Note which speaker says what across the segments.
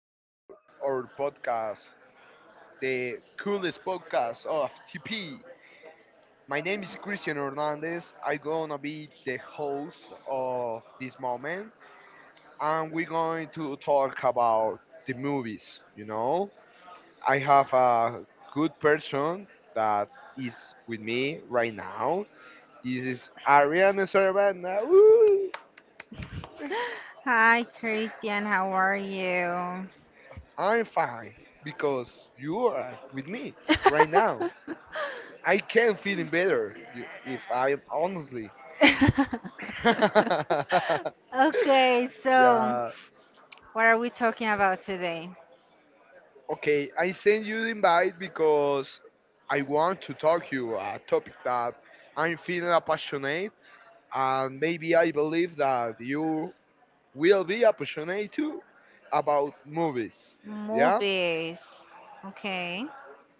Speaker 1: to our podcast, the coolest podcast of TP. My name is Christian Hernandez. I'm going to be the host of this moment, and we're going to talk about the movies. You know, I have a good person that is with me right now. This is Ariana Servanda. Woo!
Speaker 2: Hi, Christian. How are you?
Speaker 1: I'm fine because you are with me right now. I can feeling better if I am honestly.
Speaker 2: Okay, so
Speaker 1: Yeah.
Speaker 2: what are we talking about today?
Speaker 1: Okay, I send you the invite because I want to talk you a topic that I'm feeling passionate and maybe I believe that you will be passionate too about movies. Yeah?
Speaker 2: Movies. Okay.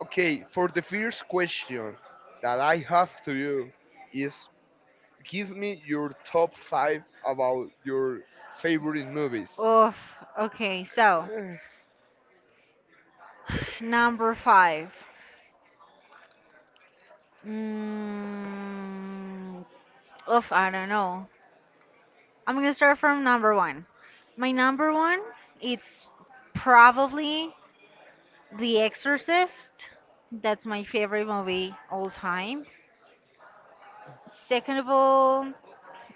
Speaker 1: Okay, for the first question that I have to you is give me your top five about your favorite movies.
Speaker 2: Oof. Okay, so
Speaker 1: Eh,
Speaker 2: number five. Mm, Oof, I don't know. I'm gonna start from number one. My number one, it's probably The Exorcist. That's my favorite movie all times. Second of all,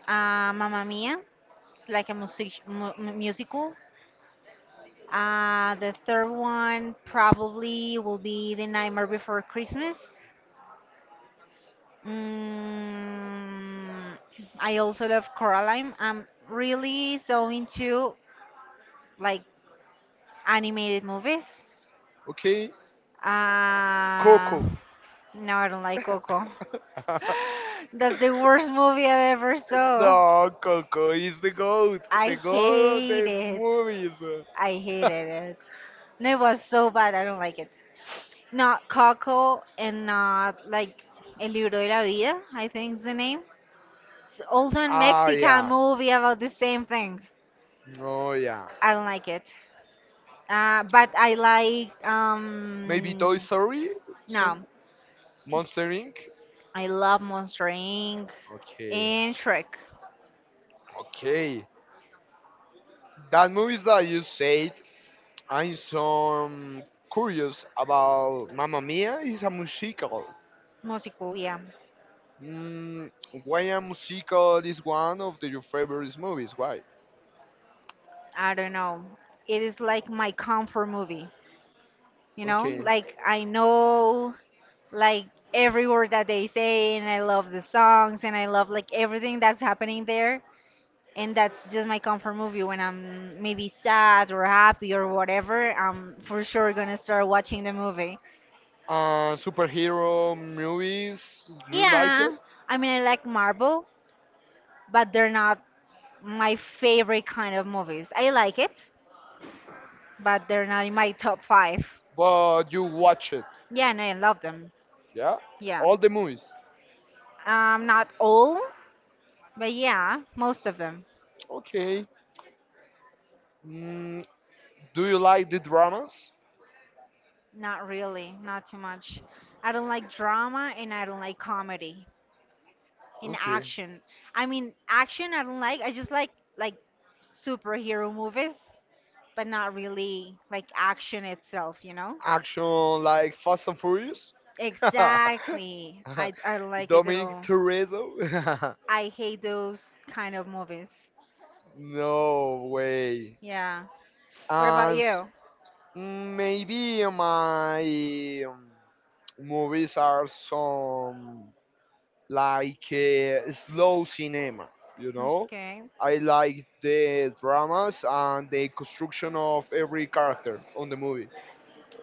Speaker 2: Mamma Mia. It's like a musical. The third one probably will be The Nightmare Before Christmas. Mm, I also love Coraline. I'm really so into like animated movies.
Speaker 1: Okay,
Speaker 2: Uh,
Speaker 1: Coco.
Speaker 2: no, I don't like Coco. That's the worst movie I ever saw.
Speaker 1: No, Coco is the goat.
Speaker 2: I
Speaker 1: The goat of
Speaker 2: hate
Speaker 1: the
Speaker 2: it.
Speaker 1: movies.
Speaker 2: I hated it. No, it was so bad. I don't like it. Not Coco and not like El Libro de la Vida, I think is the name. It's also a
Speaker 1: Ah,
Speaker 2: Mexican
Speaker 1: yeah.
Speaker 2: movie about the same thing.
Speaker 1: Oh, yeah.
Speaker 2: I don't like it. But I like
Speaker 1: Maybe Toy Story?
Speaker 2: no,
Speaker 1: Some Monster Inc.
Speaker 2: I love Monster Inc.
Speaker 1: Okay.
Speaker 2: and Shrek.
Speaker 1: Okay. That movies that you said I'm so curious about Mamma Mia is a musical.
Speaker 2: Musical, yeah.
Speaker 1: Mm, why a musical is one of your favorite movies? Why?
Speaker 2: I don't know. It is like my comfort movie, you know?
Speaker 1: Okay.
Speaker 2: Like I know like every word that they say and I love the songs and I love like everything that's happening there and that's just my comfort movie when I'm maybe sad or happy or whatever, I'm for sure going to start watching the movie.
Speaker 1: Superhero movies, you like it,
Speaker 2: Yeah. I mean, I like Marvel, but they're not my favorite kind of movies. I like it, but they're not in my top 5.
Speaker 1: but you watch it,
Speaker 2: Yeah, no, I love them.
Speaker 1: yeah?
Speaker 2: Yeah.
Speaker 1: All the movies.
Speaker 2: Not all, but yeah, most of them.
Speaker 1: Okay. Mm, do you like the dramas?
Speaker 2: Not really, not too much. I don't like drama and I don't like comedy in
Speaker 1: Okay.
Speaker 2: action. I mean, action I don't like. I just like superhero movies, but not really like action itself, you know?
Speaker 1: Action like Fast and Furious?
Speaker 2: Exactly. I don't like it at
Speaker 1: Dominic
Speaker 2: all.
Speaker 1: Toretto?
Speaker 2: I hate those kind of movies.
Speaker 1: No way.
Speaker 2: Yeah. What about
Speaker 1: And s-
Speaker 2: you?
Speaker 1: maybe my movies are some like slow cinema, you know?
Speaker 2: Okay.
Speaker 1: I like the dramas and the construction of every character on the movie.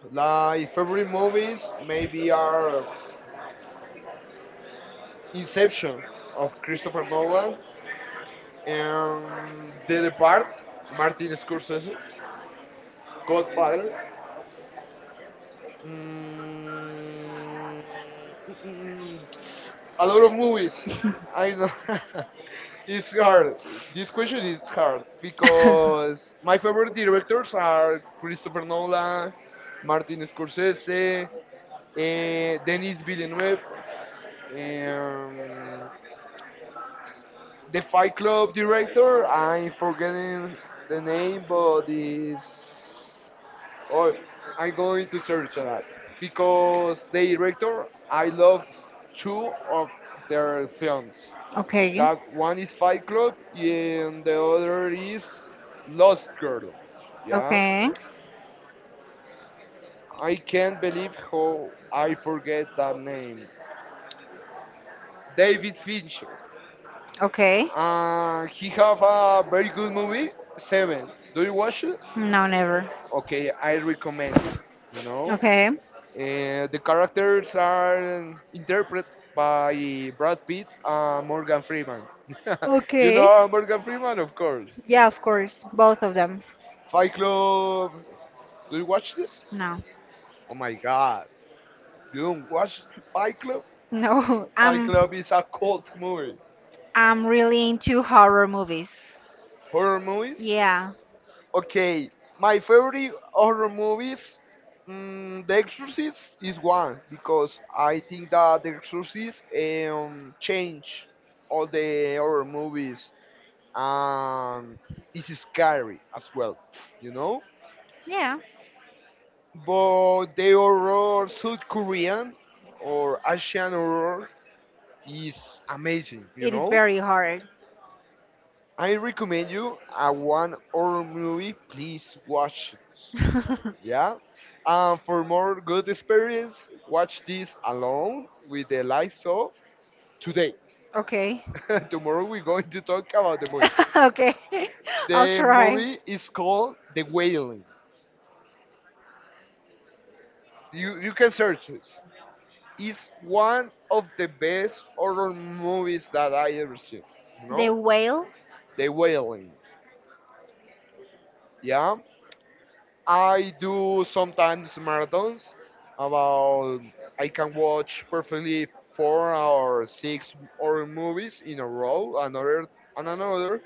Speaker 1: Like favorite movies maybe are Inception of Christopher Nolan and The Depart, Martin Scorsese, Godfather. Mm, mm, mm, mm, a lot of movies. I don't. It's hard. This question is hard because my favorite directors are Christopher Nolan, Martin Scorsese, Denis Villeneuve, um, the Fight Club director. I'm forgetting the name, but is Oh, I'm going to search that because the director I love two of their films.
Speaker 2: Okay,
Speaker 1: That one is Fight Club and the other is Lost Girl. Yeah,
Speaker 2: okay,
Speaker 1: I can't believe how I forget that name. David Fincher.
Speaker 2: okay.
Speaker 1: He have a very good movie, Seven. Do you watch it?
Speaker 2: No, never.
Speaker 1: Okay, I recommend you. You know.
Speaker 2: Okay.
Speaker 1: The characters are interpreted by Brad Pitt and Morgan Freeman. You
Speaker 2: Okay.
Speaker 1: know Morgan Freeman, of course.
Speaker 2: Yeah, of course. Both of them.
Speaker 1: Fight Club. Do you watch this?
Speaker 2: No.
Speaker 1: Oh my God! You don't watch Fight Club?
Speaker 2: No.
Speaker 1: Fight
Speaker 2: I'm
Speaker 1: Club is a cult movie.
Speaker 2: I'm really into
Speaker 1: Horror
Speaker 2: horror movies?
Speaker 1: movies.
Speaker 2: Yeah.
Speaker 1: Okay, my favorite horror movies. Mm, the Exorcist is one because I think that The Exorcist changed all the horror movies and it's scary as well, you know.
Speaker 2: Yeah.
Speaker 1: But the horror South Korean or Asian horror is amazing, you
Speaker 2: It is
Speaker 1: know.
Speaker 2: very hard.
Speaker 1: I recommend you a one horror movie. Please watch this. Yeah. And for more good experience, watch this alone with the lights off today.
Speaker 2: Okay.
Speaker 1: Tomorrow we're going to talk about the movie.
Speaker 2: Okay. I'll
Speaker 1: The
Speaker 2: try.
Speaker 1: movie is called The Wailing. You can search this. Is one of the best horror movies that I ever seen. You
Speaker 2: The
Speaker 1: know,
Speaker 2: whale?
Speaker 1: The Wailing. Yeah, I do sometimes marathons. About I can watch perfectly four or six horror movies in a row, another and another.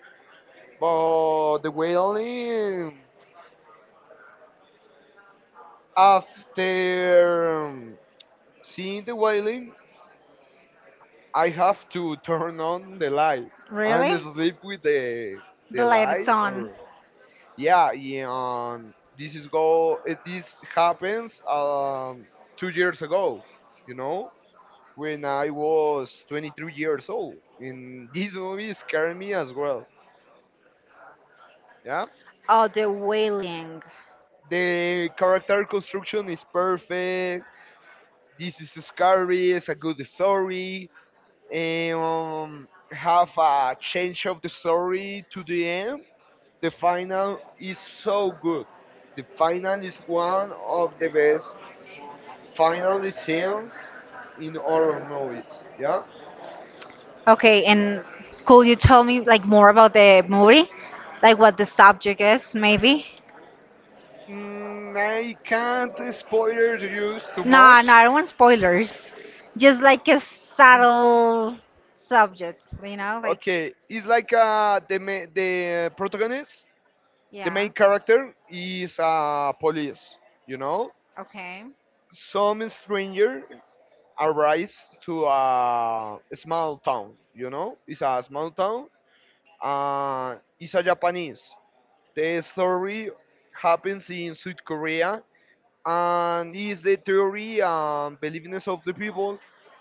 Speaker 1: But The Wailing, after seeing The Wailing, I have to turn on the light and
Speaker 2: Really?
Speaker 1: sleep with
Speaker 2: The
Speaker 1: the
Speaker 2: lights
Speaker 1: light
Speaker 2: on.
Speaker 1: or yeah, yeah this is go. It, this happens 2 years ago. You know, when I was 23 years old, and this movie scared me as well. Yeah,
Speaker 2: Oh, the whaling.
Speaker 1: the character construction is perfect. This is scary. It's a good story. And have a change of the story to the end. The final is so good. The final is one of the best finally scenes in horror movies. Yeah.
Speaker 2: Okay, and could you tell me like more about the movie? Like what the subject is, maybe?
Speaker 1: Mm, I can't spoil you too
Speaker 2: No,
Speaker 1: much.
Speaker 2: no, I don't want spoilers. Just like a subtle subject, you know, like
Speaker 1: Okay, it's like the protagonist,
Speaker 2: the main
Speaker 1: the main
Speaker 2: yeah.
Speaker 1: character is police. You know,
Speaker 2: Okay.
Speaker 1: some stranger arrives to a small town. You know, it's a small town. It's a Japanese. The story happens in South Korea and is the theory and believingness of the people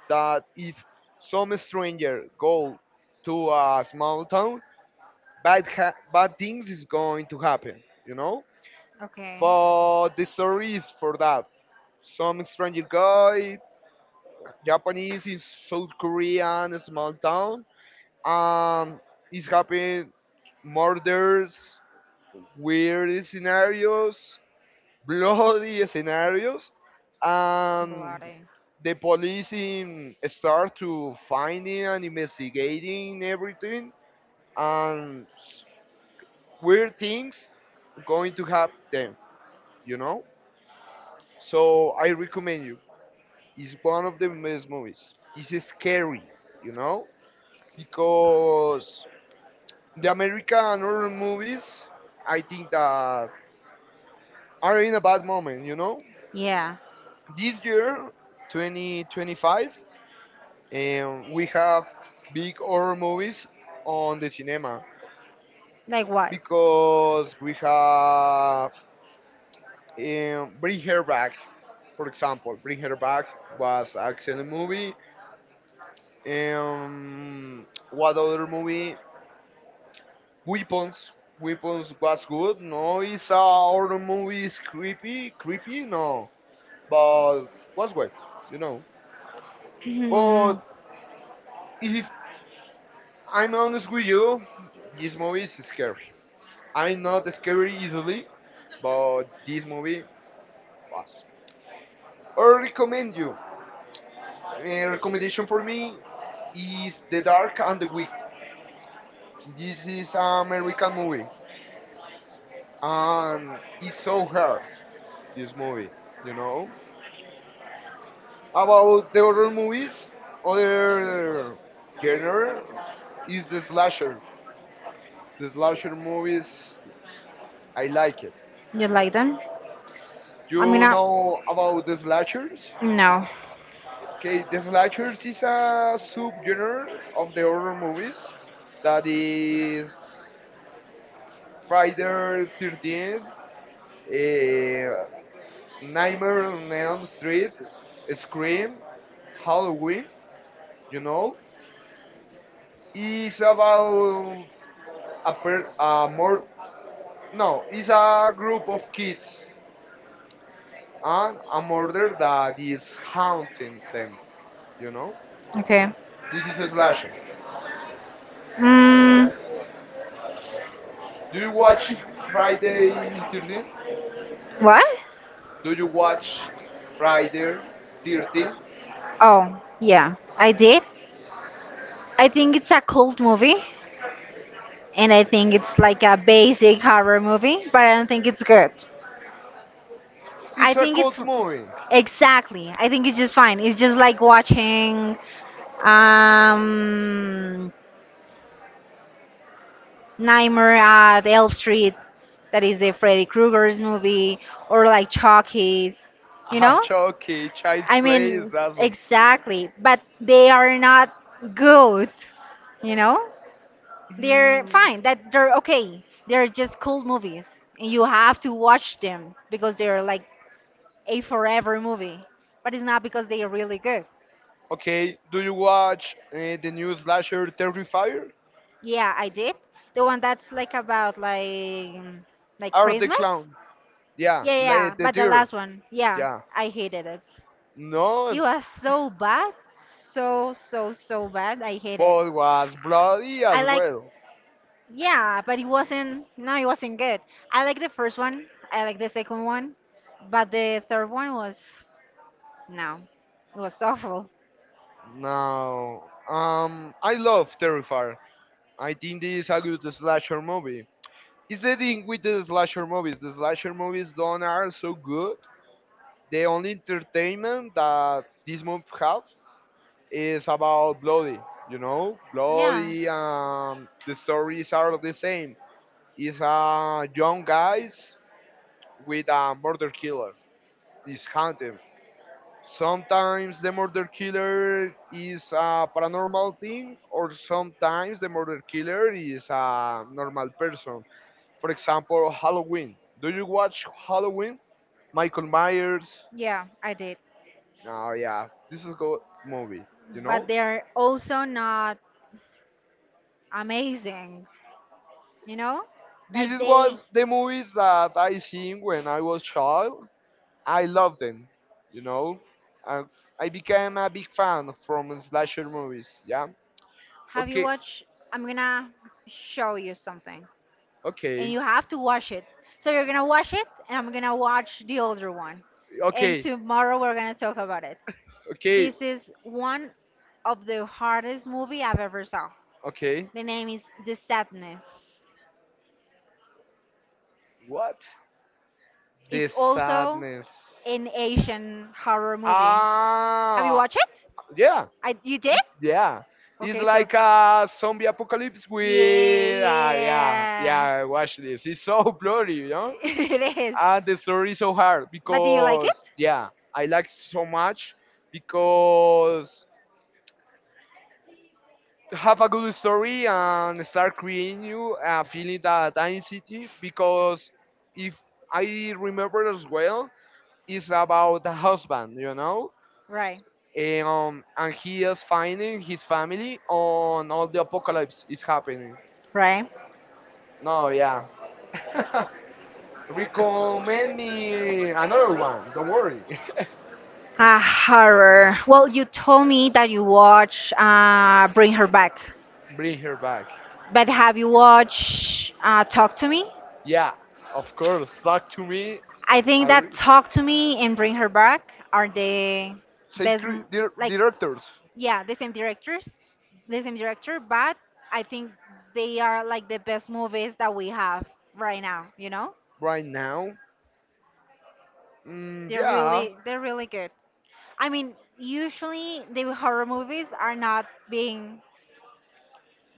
Speaker 1: that if some stranger go to a small town, bad things is going to happen, you know.
Speaker 2: Okay.
Speaker 1: But the story is for that some stranger guy, Japanese in South Korean a small town, um, is happening murders, weird scenarios, bloody scenarios and
Speaker 2: Bloody.
Speaker 1: the police in, start to finding and investigating everything and s- weird things going to happen them, you know. So I recommend you. It's one of the best movies. It's scary, you know, because the American horror movies, I think that are in a bad moment, you know.
Speaker 2: Yeah.
Speaker 1: This year 2025, and we have big horror movies on the cinema
Speaker 2: Like what?
Speaker 1: because we have Bring Her Back, for example. Bring Her Back was an excellent movie. What other movie? Weapons. Weapons was good. No, it's a horror movie. It's creepy. Creepy? No. But was good, you know.
Speaker 2: Hmm.
Speaker 1: But if I'm honest with you, this movie is scary. I'm not scared easily, but this movie was. I recommend you. A recommendation for me is The Dark and the Wicked. This is an American movie, and it's so hard. This movie, you know, about the horror movies, other genre is the slasher. The slasher movies, I like it.
Speaker 2: You like them? I mean,
Speaker 1: You know
Speaker 2: going
Speaker 1: about the slashers?
Speaker 2: no.
Speaker 1: Okay, the slashers is a subgenre of the horror movies that is Friday 13th, uh, Nightmare on Elm Street, Scream, Halloween, you know. It's about a, per, a more no, it's a group of kids and a murder that is haunting them, you know.
Speaker 2: Okay.
Speaker 1: This is a slasher.
Speaker 2: Mm,
Speaker 1: Do you watch Friday 13th?
Speaker 2: what?
Speaker 1: Do you watch Friday 13?
Speaker 2: Oh, yeah, I did. I think it's a cult movie, and I think it's like a basic horror movie, but I don't think it's good. I
Speaker 1: It's a
Speaker 2: think it's
Speaker 1: cult movie.
Speaker 2: exactly. I think it's just fine. It's just like watching um Nightmare at Elm Street, that is the Freddy Krueger's movie, or like Chucky's, you
Speaker 1: Ah,
Speaker 2: know?
Speaker 1: okay. Child's
Speaker 2: I
Speaker 1: Play
Speaker 2: mean,
Speaker 1: is awesome.
Speaker 2: exactly, but they are not good, you know? They're
Speaker 1: Mm,
Speaker 2: fine. That they're okay. They're just cool movies, and you have to watch them because they're like a forever movie. But it's not because they are really good.
Speaker 1: okay. Do you watch the new slasher Terrifier?
Speaker 2: Yeah, I did. The one that's like about like
Speaker 1: Or the
Speaker 2: Christmas.
Speaker 1: Clown?
Speaker 2: Yeah,
Speaker 1: Yeah.
Speaker 2: yeah, yeah,
Speaker 1: Late the
Speaker 2: but the
Speaker 1: Deer.
Speaker 2: last one, yeah,
Speaker 1: Yeah.
Speaker 2: I hated it.
Speaker 1: No,
Speaker 2: It was so bad, so bad. I hate it.
Speaker 1: but was bloody
Speaker 2: I
Speaker 1: as
Speaker 2: like.
Speaker 1: well.
Speaker 2: Yeah, but it wasn't. No, it wasn't good. I like the first one. I like the second one, but the third one was no, it was awful.
Speaker 1: No. I love Terrifier. I think this is a good slasher movie. It's the thing with the slasher movies. The slasher movies don't are so good. The only entertainment that this movie have is about bloody. You know,
Speaker 2: Yeah,
Speaker 1: bloody. The stories are the same. It's a young guys with a murder killer. He's hunting. Sometimes the murder killer is a paranormal thing, or sometimes the murder killer is a normal person. For example, Halloween. Do you watch Halloween? Michael Myers.
Speaker 2: yeah, I did.
Speaker 1: Oh yeah, this is good movie. You know,
Speaker 2: But they're also not amazing. You know,
Speaker 1: this
Speaker 2: like
Speaker 1: is
Speaker 2: they.
Speaker 1: was the movies that I seen when I was child. I loved them. You know, and I became a big fan from slasher movies. Yeah.
Speaker 2: Have you
Speaker 1: Okay.
Speaker 2: watched? I'm gonna show you something. And
Speaker 1: Okay.
Speaker 2: you have to watch it. So you're gonna watch it, and I'm gonna watch the older one. And
Speaker 1: Okay.
Speaker 2: tomorrow we're gonna talk about it.
Speaker 1: Okay.
Speaker 2: This is one of the hardest movie I've ever saw.
Speaker 1: Okay.
Speaker 2: The name is The Sadness.
Speaker 1: What? The
Speaker 2: It's the also
Speaker 1: sadness.
Speaker 2: an Asian horror movie. Have you
Speaker 1: Ah,
Speaker 2: watched it?
Speaker 1: yeah,
Speaker 2: I You did?
Speaker 1: yeah. It's
Speaker 2: Okay, so
Speaker 1: like a zombie apocalypse
Speaker 2: yeah,
Speaker 1: with ah
Speaker 2: yeah,
Speaker 1: yeah yeah. Watch this. It's so blurry, you know.
Speaker 2: it is.
Speaker 1: And the story is so hard
Speaker 2: But do you like
Speaker 1: because
Speaker 2: it?
Speaker 1: yeah, I like so much because have a good story and start creating you a feeling that anxiety because if I remember as well, is about the husband, you know,
Speaker 2: Right.
Speaker 1: and he is finding his family on all the apocalypse is happening.
Speaker 2: Right?
Speaker 1: No, yeah. Recommend me another one. Don't worry.
Speaker 2: Ah, Horror. Well, you told me that you watch Bring Her Back,
Speaker 1: Bring her back.
Speaker 2: but have you watched Talk to Me?
Speaker 1: Yeah, of course. Talk to me.
Speaker 2: I
Speaker 1: I
Speaker 2: think that
Speaker 1: re-
Speaker 2: Talk to Me and Bring Her Back are the best, like,
Speaker 1: directors
Speaker 2: yeah, the same directors, the same director, but I think they are like the best movies that we have right now, you know?
Speaker 1: right now. Mm,
Speaker 2: They're
Speaker 1: yeah.
Speaker 2: really, they're really good. I mean, usually the horror movies are not being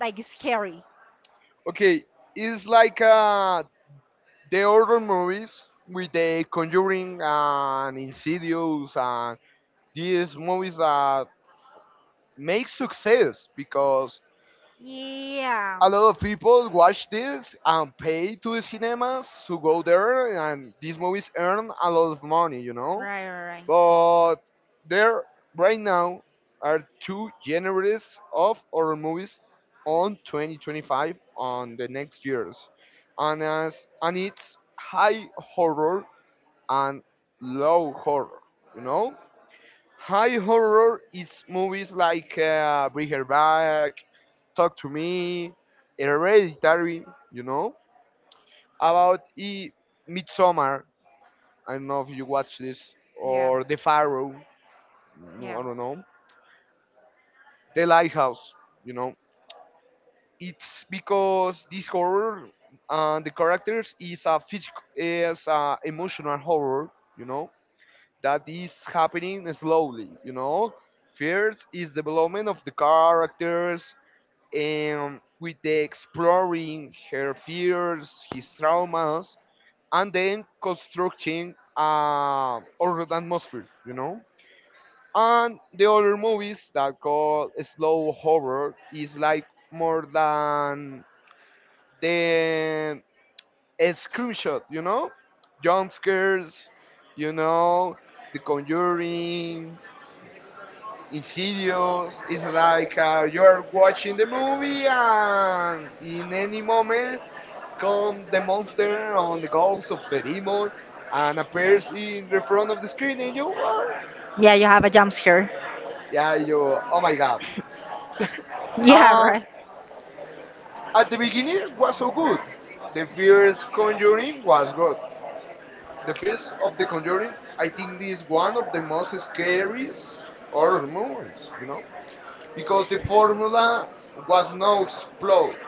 Speaker 2: like scary.
Speaker 1: Okay. It's like the horror movies with the Conjuring and Insidious and these movies that make success because
Speaker 2: Yeah.
Speaker 1: a lot of people watch this and pay to the cinemas to go there and these movies earn a lot of money, you know.
Speaker 2: Right, right, right.
Speaker 1: But there right now are two genres of horror movies on 2025 on the next years and as and it's high horror and low horror, you know. High horror is movies like Bring Her Back, Talk to Me, Hereditary, you know, about e- Midsummer. I don't know if you watch this
Speaker 2: Yeah.
Speaker 1: or The Pharaoh. No,
Speaker 2: Yeah.
Speaker 1: I don't know. The Lighthouse, you know. It's because this horror and the characters is a physical, is a emotional horror, you know, that is happening slowly, you know. First is development of the characters, with the exploring her fears, his traumas, and then constructing a horror atmosphere, you know. And the other movies that call slow horror is like more than the a screenshot, you know, jump scares, you know, The Conjuring, Insidious. It's like you are watching the movie and in any moment comes the monster on the ghost of the demon and appears in the front of the screen, and you, "What?"
Speaker 2: Yeah, you have a jump scare.
Speaker 1: Yeah, you, oh my god.
Speaker 2: Yeah,
Speaker 1: And
Speaker 2: right.
Speaker 1: at the beginning it was so good. The first Conjuring was good. The first of the Conjuring, I think, this is one of the most scariest horror movies, you know, because the formula was no explode.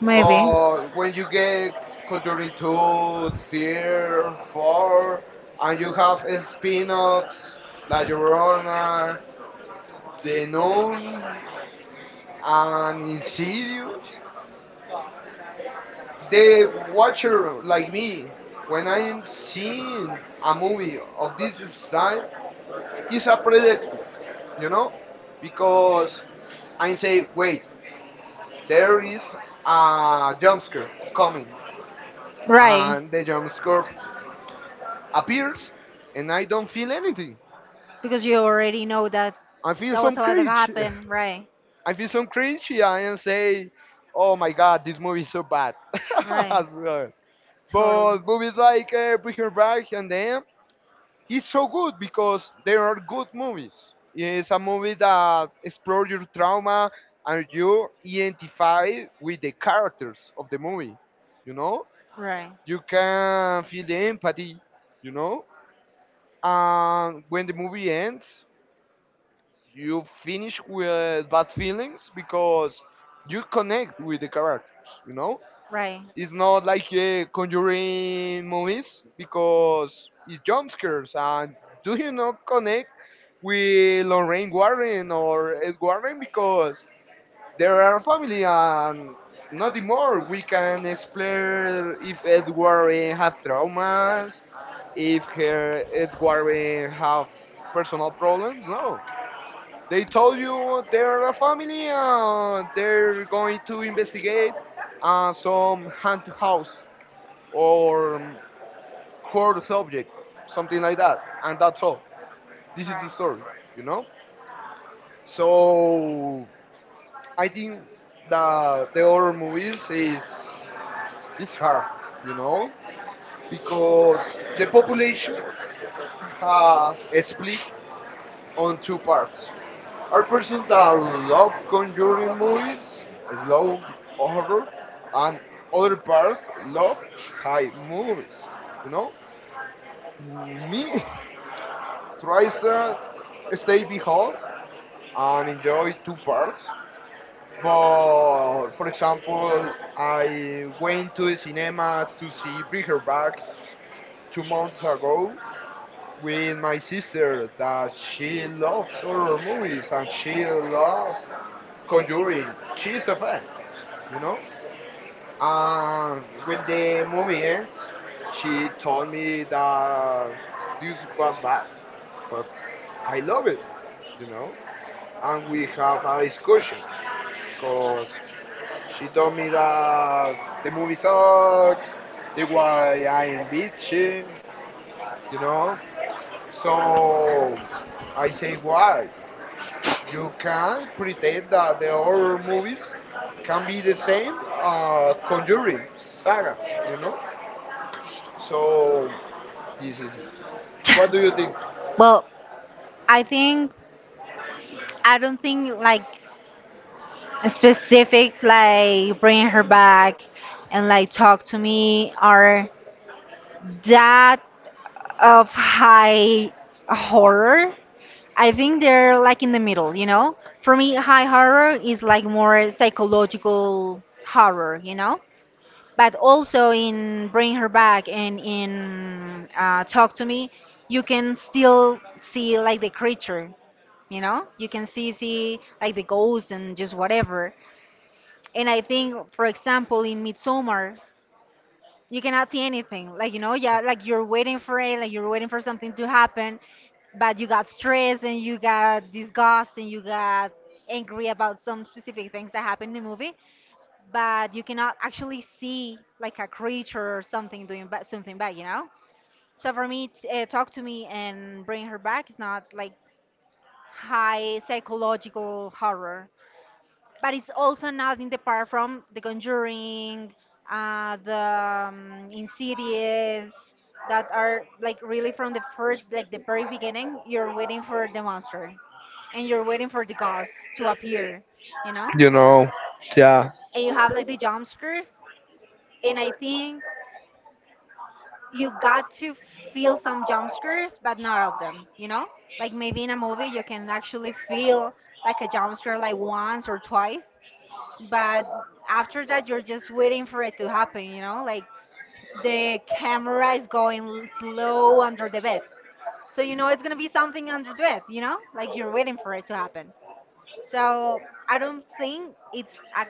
Speaker 2: Maybe.
Speaker 1: But when you get Conjuring 2, Tier 4, and you have spin-offs, La Llorona, The Nun, and Insidious, the watcher like me, when I am seeing a movie of this style, is a predictive, you know? Because I say, wait, there is a jump scare coming.
Speaker 2: Right.
Speaker 1: And the jump scare appears and I don't feel anything.
Speaker 2: Because you already know that
Speaker 1: I feel
Speaker 2: that
Speaker 1: some
Speaker 2: was about to
Speaker 1: cringe.
Speaker 2: happen. Right.
Speaker 1: I feel some cringe, yeah, and say, oh my god, this movie is so bad.
Speaker 2: Right.
Speaker 1: As well. But
Speaker 2: Totally.
Speaker 1: movies like Breaking Bad and them, it's so good because they are good movies. It's a movie that explores your trauma and you identify with the characters of the movie. You know,
Speaker 2: Right.
Speaker 1: you can feel the empathy. You know, and when the movie ends, you finish with bad feelings because you connect with the characters.
Speaker 2: Right.
Speaker 1: It's not like conjuring movies because it jump scares, and do you not connect with Lorraine Warren or Ed Warren because they are family, and nothing more we can explore if Ed Warren have traumas, if her Ed Warren have personal problems. No, they told you they're a family and they're going to investigate some haunted house or court subject, something like that. And that's all. This is the story, you know? So I think that the horror movies is hard, you know, because the population have split on two parts. Are persons that love conjuring movies, slow horror, and other part love high movies. You know, me tries to stay behold and enjoy two parts. But for example, I went to the cinema to see Bring Her Back 2 months ago with my sister that she loves horror movies and she loves Conjuring. She's a fan, you know. And when the movie ends, she told me that this was bad, but I love it, you know. And we have a discussion because she told me that the movie sucks, the why I am bitchy, you know. So I say, why? You can pretend that the horror movies can be the same Conjuring saga, you know. So this is, what do you think?
Speaker 2: Well, I think I don't think like a specific like Bring Her Back and like Talk to Me are that of high horror. I think they're like in the middle, you know? For me, high horror is like more psychological horror, you know? But also in Bring Her Back and in Talk to Me, you can still see like the creature, you know. You can see like the ghost and just whatever. And I think, for example, in Midsummer, you cannot see anything, like, you know? Yeah, like you're waiting for it, like you're waiting for something to happen. But you got stressed and you got disgust and you got angry about some specific things that happened in the movie, but you cannot actually see like a creature or something doing something bad, you know? So for me, Talk to Me and Bring Her Back is not like high psychological horror, but it's also not in the part from The Conjuring, the Insidious, that are like really from the first, like the very beginning, you're waiting for the monster and you're waiting for the ghost to appear, you know?
Speaker 1: You know, yeah.
Speaker 2: And you have like the jump scares, and I think you got to feel some jump scares, but not all of them, you know? Like maybe in a movie you can actually feel like a jump scare like once or twice, but after that you're just waiting for it to happen, you know? Like the camera is going slow under the bed. So you know it's going to be something under the bed, you know? Like you're waiting for it to happen. So I don't think it's a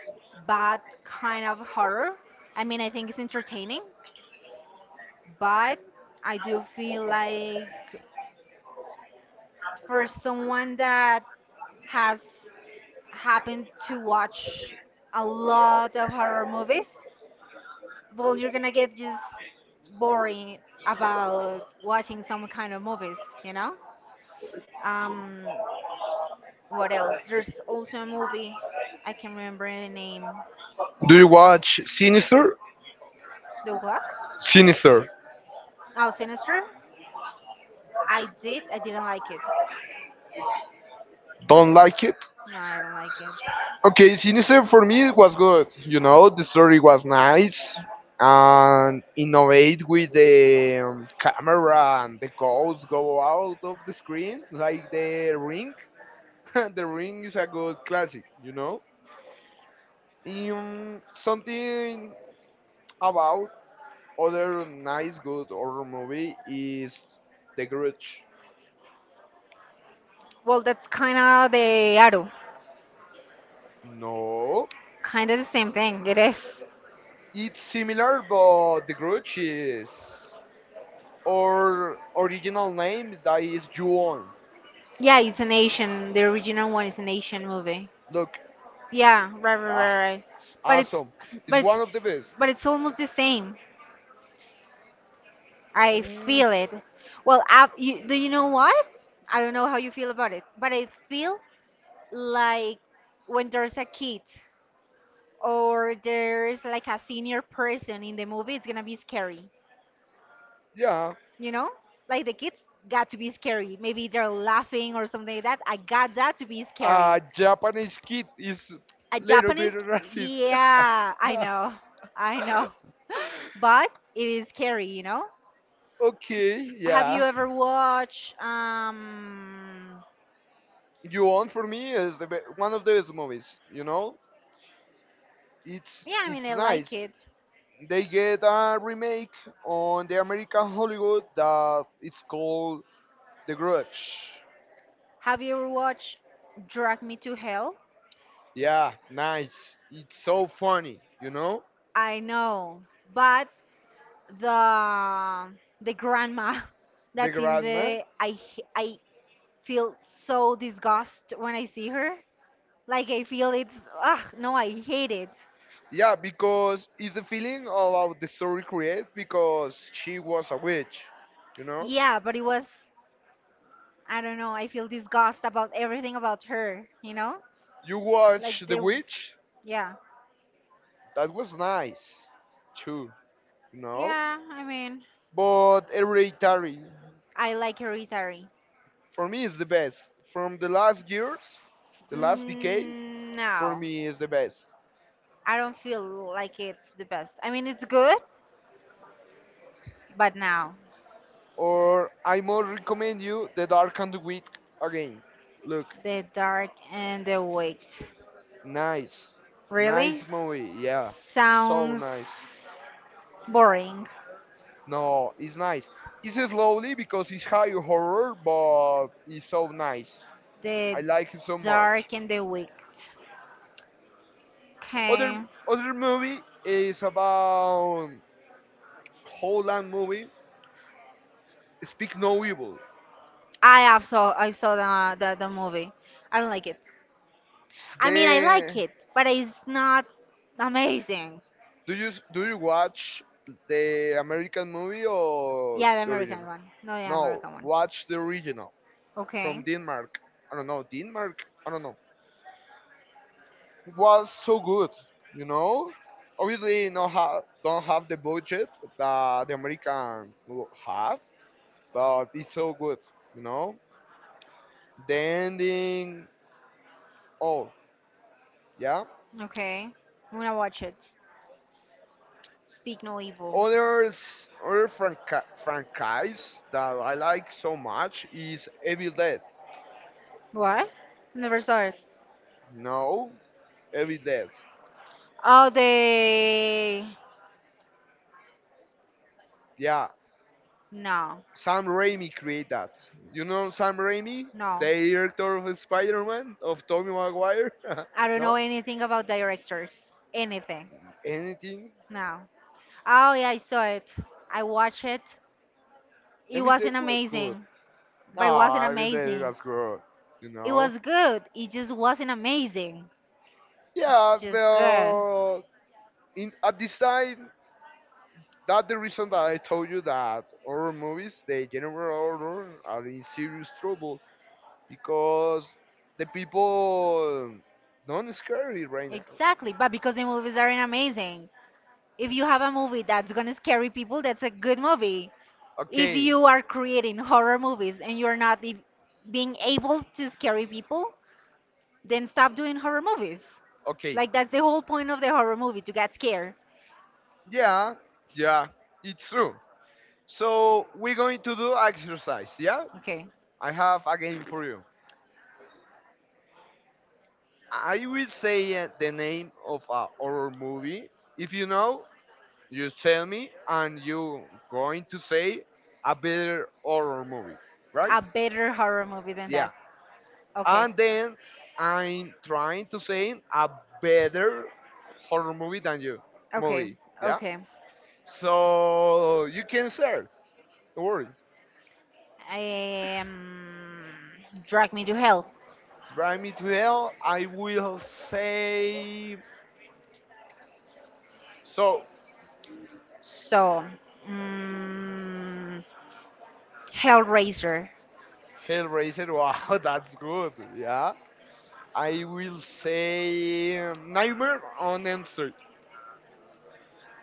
Speaker 2: bad kind of horror. I mean, I think it's entertaining, but I do feel like for someone that has happened to watch a lot of horror movies, well, you're gonna get just boring about watching some kind of movies, you know? Um, what else? There's also a movie I can remember the name.
Speaker 1: Do you watch Sinister?
Speaker 2: The what?
Speaker 1: Sinister.
Speaker 2: Oh, Sinister. I did. I didn't like it.
Speaker 1: Don't like it?
Speaker 2: No, I don't like it.
Speaker 1: Okay, Sinister for me was good. You know, the story was nice and innovate with the camera and the ghosts go out of the screen like the ring. The ring is a good classic, you know. Something about other nice good horror movie is The Grudge.
Speaker 2: Well, that's kind of the Arrow.
Speaker 1: No,
Speaker 2: Kind of the same thing. It is.
Speaker 1: it's similar, but the Grudge is, or original name, that is Juon.
Speaker 2: Yeah, it's an Asian. The original one is an Asian movie.
Speaker 1: Look,
Speaker 2: Yeah, right, right,
Speaker 1: ah,
Speaker 2: right, right. But it's,
Speaker 1: awesome.
Speaker 2: but
Speaker 1: It's
Speaker 2: it's,
Speaker 1: one of the best.
Speaker 2: but it's almost the same. I
Speaker 1: Mm,
Speaker 2: feel it. Well, do you know what? I don't know how you feel about it, but I feel like when there's a kid or there's like a senior person in the movie, it's gonna be scary.
Speaker 1: yeah,
Speaker 2: You know, like the kids got to be scary. Maybe they're laughing or something like that. I got that to be scary.
Speaker 1: a Japanese kid is
Speaker 2: A
Speaker 1: little bit
Speaker 2: Japanese,
Speaker 1: racist.
Speaker 2: yeah, I know, but it is scary, you know.
Speaker 1: Okay,
Speaker 2: Have you
Speaker 1: yeah.
Speaker 2: ever watched?
Speaker 1: Juon for me is the one of the best movies. You know, it's
Speaker 2: Yeah, I mean,
Speaker 1: it's
Speaker 2: I like
Speaker 1: nice.
Speaker 2: it.
Speaker 1: They get a remake on the American Hollywood that it's called The Grudge.
Speaker 2: Have you ever watched Drag Me to Hell?
Speaker 1: Yeah, nice. It's so funny, you know?
Speaker 2: I know, but the the grandma
Speaker 1: The
Speaker 2: that's in
Speaker 1: grandma.
Speaker 2: the I feel so disgust when I see her. Like I feel it's no, I hate it.
Speaker 1: Yeah, because it's the feeling about the story create because she was a witch, you know?
Speaker 2: Yeah, but it was. I don't know, I feel disgust about everything about her, you know?
Speaker 1: You watch
Speaker 2: Like
Speaker 1: The
Speaker 2: the
Speaker 1: Witch,
Speaker 2: yeah.
Speaker 1: that was nice too, you know?
Speaker 2: Yeah, I mean,
Speaker 1: But Hereditary,
Speaker 2: I like hereditary.
Speaker 1: for me, is the best. From the last years, the last decade, for
Speaker 2: No.
Speaker 1: me is the best.
Speaker 2: I don't feel like it's the best. I mean, it's good, but now
Speaker 1: Or I more recommend you The Dark and the Wit again. Look,
Speaker 2: The Dark and the Wicked.
Speaker 1: nice,
Speaker 2: Really?
Speaker 1: nice movie. Yeah, so
Speaker 2: Sounds
Speaker 1: nice.
Speaker 2: boring.
Speaker 1: No, it's nice. It's slowly because it's high horror, but it's so nice. I
Speaker 2: The
Speaker 1: like it so much.
Speaker 2: Dark and the Wicked.
Speaker 1: Other
Speaker 2: Okay.
Speaker 1: other movie is about Holland movie. Speak No Evil.
Speaker 2: I saw the movie. I don't like it. I mean, I like
Speaker 1: The
Speaker 2: it, but it's not amazing.
Speaker 1: do you watch the American movie or
Speaker 2: Yeah, the
Speaker 1: the
Speaker 2: American
Speaker 1: original?
Speaker 2: one. No, the
Speaker 1: No,
Speaker 2: American one.
Speaker 1: watch the original
Speaker 2: Okay.
Speaker 1: from Denmark. I don't know, Denmark. I don't know. Was so good, you know. Obviously, no don't have the budget that the American will have, but it's so good, you know. The ending, oh yeah.
Speaker 2: Okay. I'm gonna watch it. Speak no evil.
Speaker 1: Others, other franchise that I like so much is Evil Dead.
Speaker 2: What? Never saw it.
Speaker 1: No, Evil Dead.
Speaker 2: Oh, they.
Speaker 1: Yeah,
Speaker 2: No.
Speaker 1: Sam Raimi created that. You know Sam Raimi,
Speaker 2: No.
Speaker 1: the director of Spider-Man, of Tobey Maguire?
Speaker 2: I don't
Speaker 1: No?
Speaker 2: know anything about directors. Anything.
Speaker 1: Anything?
Speaker 2: No. Oh yeah, I saw it. I watched it. It
Speaker 1: Every day
Speaker 2: wasn't
Speaker 1: was good.
Speaker 2: amazing, but it
Speaker 1: No,
Speaker 2: wasn't
Speaker 1: every day
Speaker 2: amazing.
Speaker 1: was good. You
Speaker 2: It
Speaker 1: know?
Speaker 2: was good. It just wasn't amazing.
Speaker 1: Yeah,
Speaker 2: Just good.
Speaker 1: well, at this time, that's the reason that I told you that horror movies, the general horror, are in serious trouble because the people don't scary right now.
Speaker 2: Exactly, but because the movies aren't amazing. If you have a movie that's gonna scare people, that's a good movie. If
Speaker 1: Okay.
Speaker 2: you are creating horror movies and you're not being able to scare people, then stop doing horror movies.
Speaker 1: Okay.
Speaker 2: Like that's the whole point of the horror movie to get scared.
Speaker 1: Yeah, yeah, it's true. So we're going to do exercise. Yeah,
Speaker 2: Okay.
Speaker 1: I have a game for you. I will say the name of a horror movie. If you know, you tell me, and you going to say a better horror movie, right?
Speaker 2: A better horror movie than that.
Speaker 1: Yeah.
Speaker 2: Okay.
Speaker 1: And then I'm trying to say a better horror movie than you
Speaker 2: Okay.
Speaker 1: movie. Yeah.
Speaker 2: Okay.
Speaker 1: So you can search. Don't worry.
Speaker 2: um, Drag Me to Hell.
Speaker 1: Drive me to hell. I will say so.
Speaker 2: So, mm, Hellraiser.
Speaker 1: Hellraiser. Wow, that's good. Yeah. I will say Nightmare on Elm Street.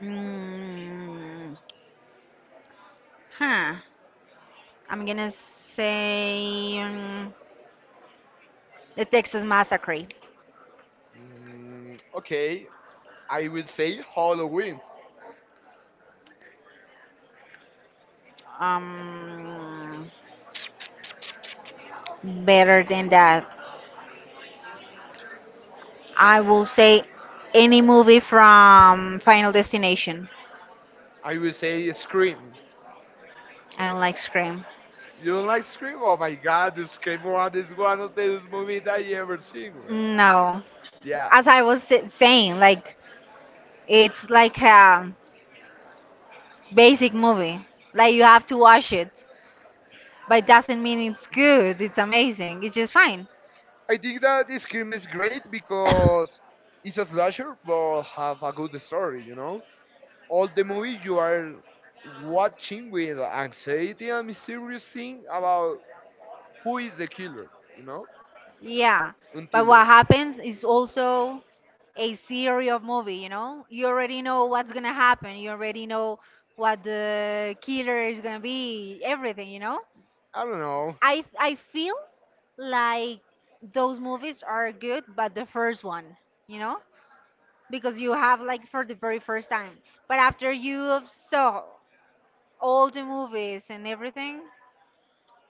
Speaker 2: Mm, huh. I'm gonna say the Texas Massacre.
Speaker 1: Mm, okay. I will say Halloween.
Speaker 2: Um, Better than that. I will say any movie from Final Destination.
Speaker 1: I will say Scream.
Speaker 2: I don't like Scream.
Speaker 1: You don't like Scream? Oh my god, Scream 1 is one of the best movies that I ever seen, man.
Speaker 2: No.
Speaker 1: Yeah.
Speaker 2: As I was saying, like it's like a basic movie. Like you have to watch it, but it doesn't mean it's good. It's amazing. It's just fine.
Speaker 1: I think that Scream is great because it's a slasher but have a good story, you know? All the movie you are watching with anxiety and mysterious thing about who is the killer, you know?
Speaker 2: Yeah.
Speaker 1: Until
Speaker 2: But what
Speaker 1: then.
Speaker 2: happens is also a series of movie, you know? You already know what's gonna happen. You already know what the killer is gonna be, everything, you know?
Speaker 1: I don't know.
Speaker 2: I feel like those movies are good, but the first one, you know, because you have like for the very first time. But after you have saw all the movies and everything,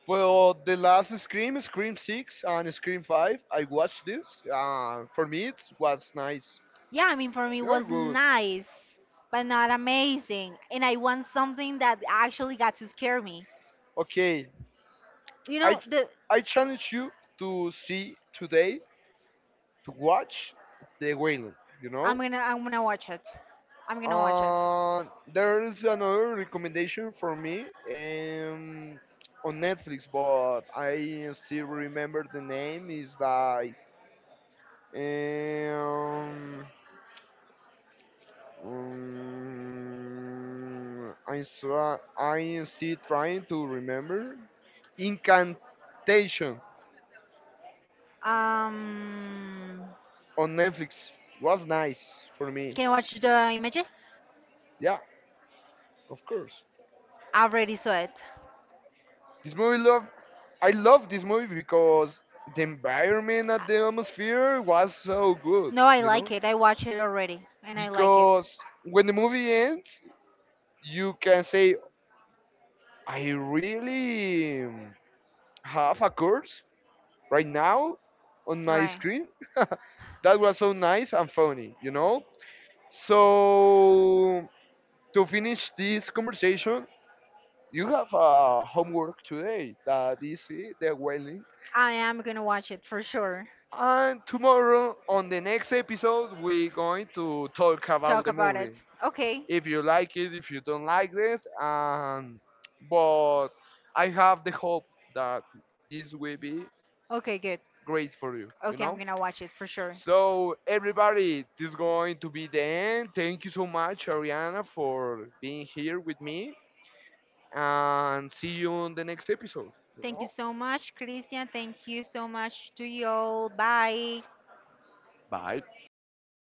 Speaker 1: Well, the last Scream, Scream 6 and Scream 5, I watched this. For me, it was nice.
Speaker 2: yeah, I mean for me it
Speaker 1: You're
Speaker 2: was
Speaker 1: good.
Speaker 2: nice, but not amazing. And I want something that actually got to scare me.
Speaker 1: Okay.
Speaker 2: You
Speaker 1: I
Speaker 2: know, the
Speaker 1: I challenge you to see today to watch the whale. You
Speaker 2: I'm
Speaker 1: know.
Speaker 2: gonna I'm gonna watch it. I'm gonna watch it.
Speaker 1: Uh, there is another recommendation for me on Netflix, but I still remember the name. Is like um, um, I'm I am still trying to remember. Incantation.
Speaker 2: Um,
Speaker 1: On Netflix was nice for
Speaker 2: Can
Speaker 1: me.
Speaker 2: you watch the images?
Speaker 1: Yeah, of course.
Speaker 2: I already saw it.
Speaker 1: This movie love I love this movie because the environment at the atmosphere was so good,
Speaker 2: No, I
Speaker 1: you know?
Speaker 2: like it. I watched it already and I like it.
Speaker 1: Because when the movie ends, you can say I really have a curse right now on my
Speaker 2: Right.
Speaker 1: screen. That was so nice and funny, you know? So to finish this conversation, you have homework today that is it, the whaling,
Speaker 2: I am gonna watch it for sure.
Speaker 1: and tomorrow on the next episode we're going to talk about
Speaker 2: Talk
Speaker 1: the
Speaker 2: about
Speaker 1: movie,
Speaker 2: it. Okay.
Speaker 1: if you like it, if you don't like it, and but I have the hope that this will be
Speaker 2: Okay, good.
Speaker 1: great for you, you
Speaker 2: Okay, I'm
Speaker 1: know.
Speaker 2: gonna watch it for sure.
Speaker 1: So everybody, this is going to be the end. Thank you so much, Ariana, for being here with me, and see you on the next episode, you
Speaker 2: Thank you
Speaker 1: know.
Speaker 2: so much, Christian. Thank you so much to you all. Bye.
Speaker 1: Bye.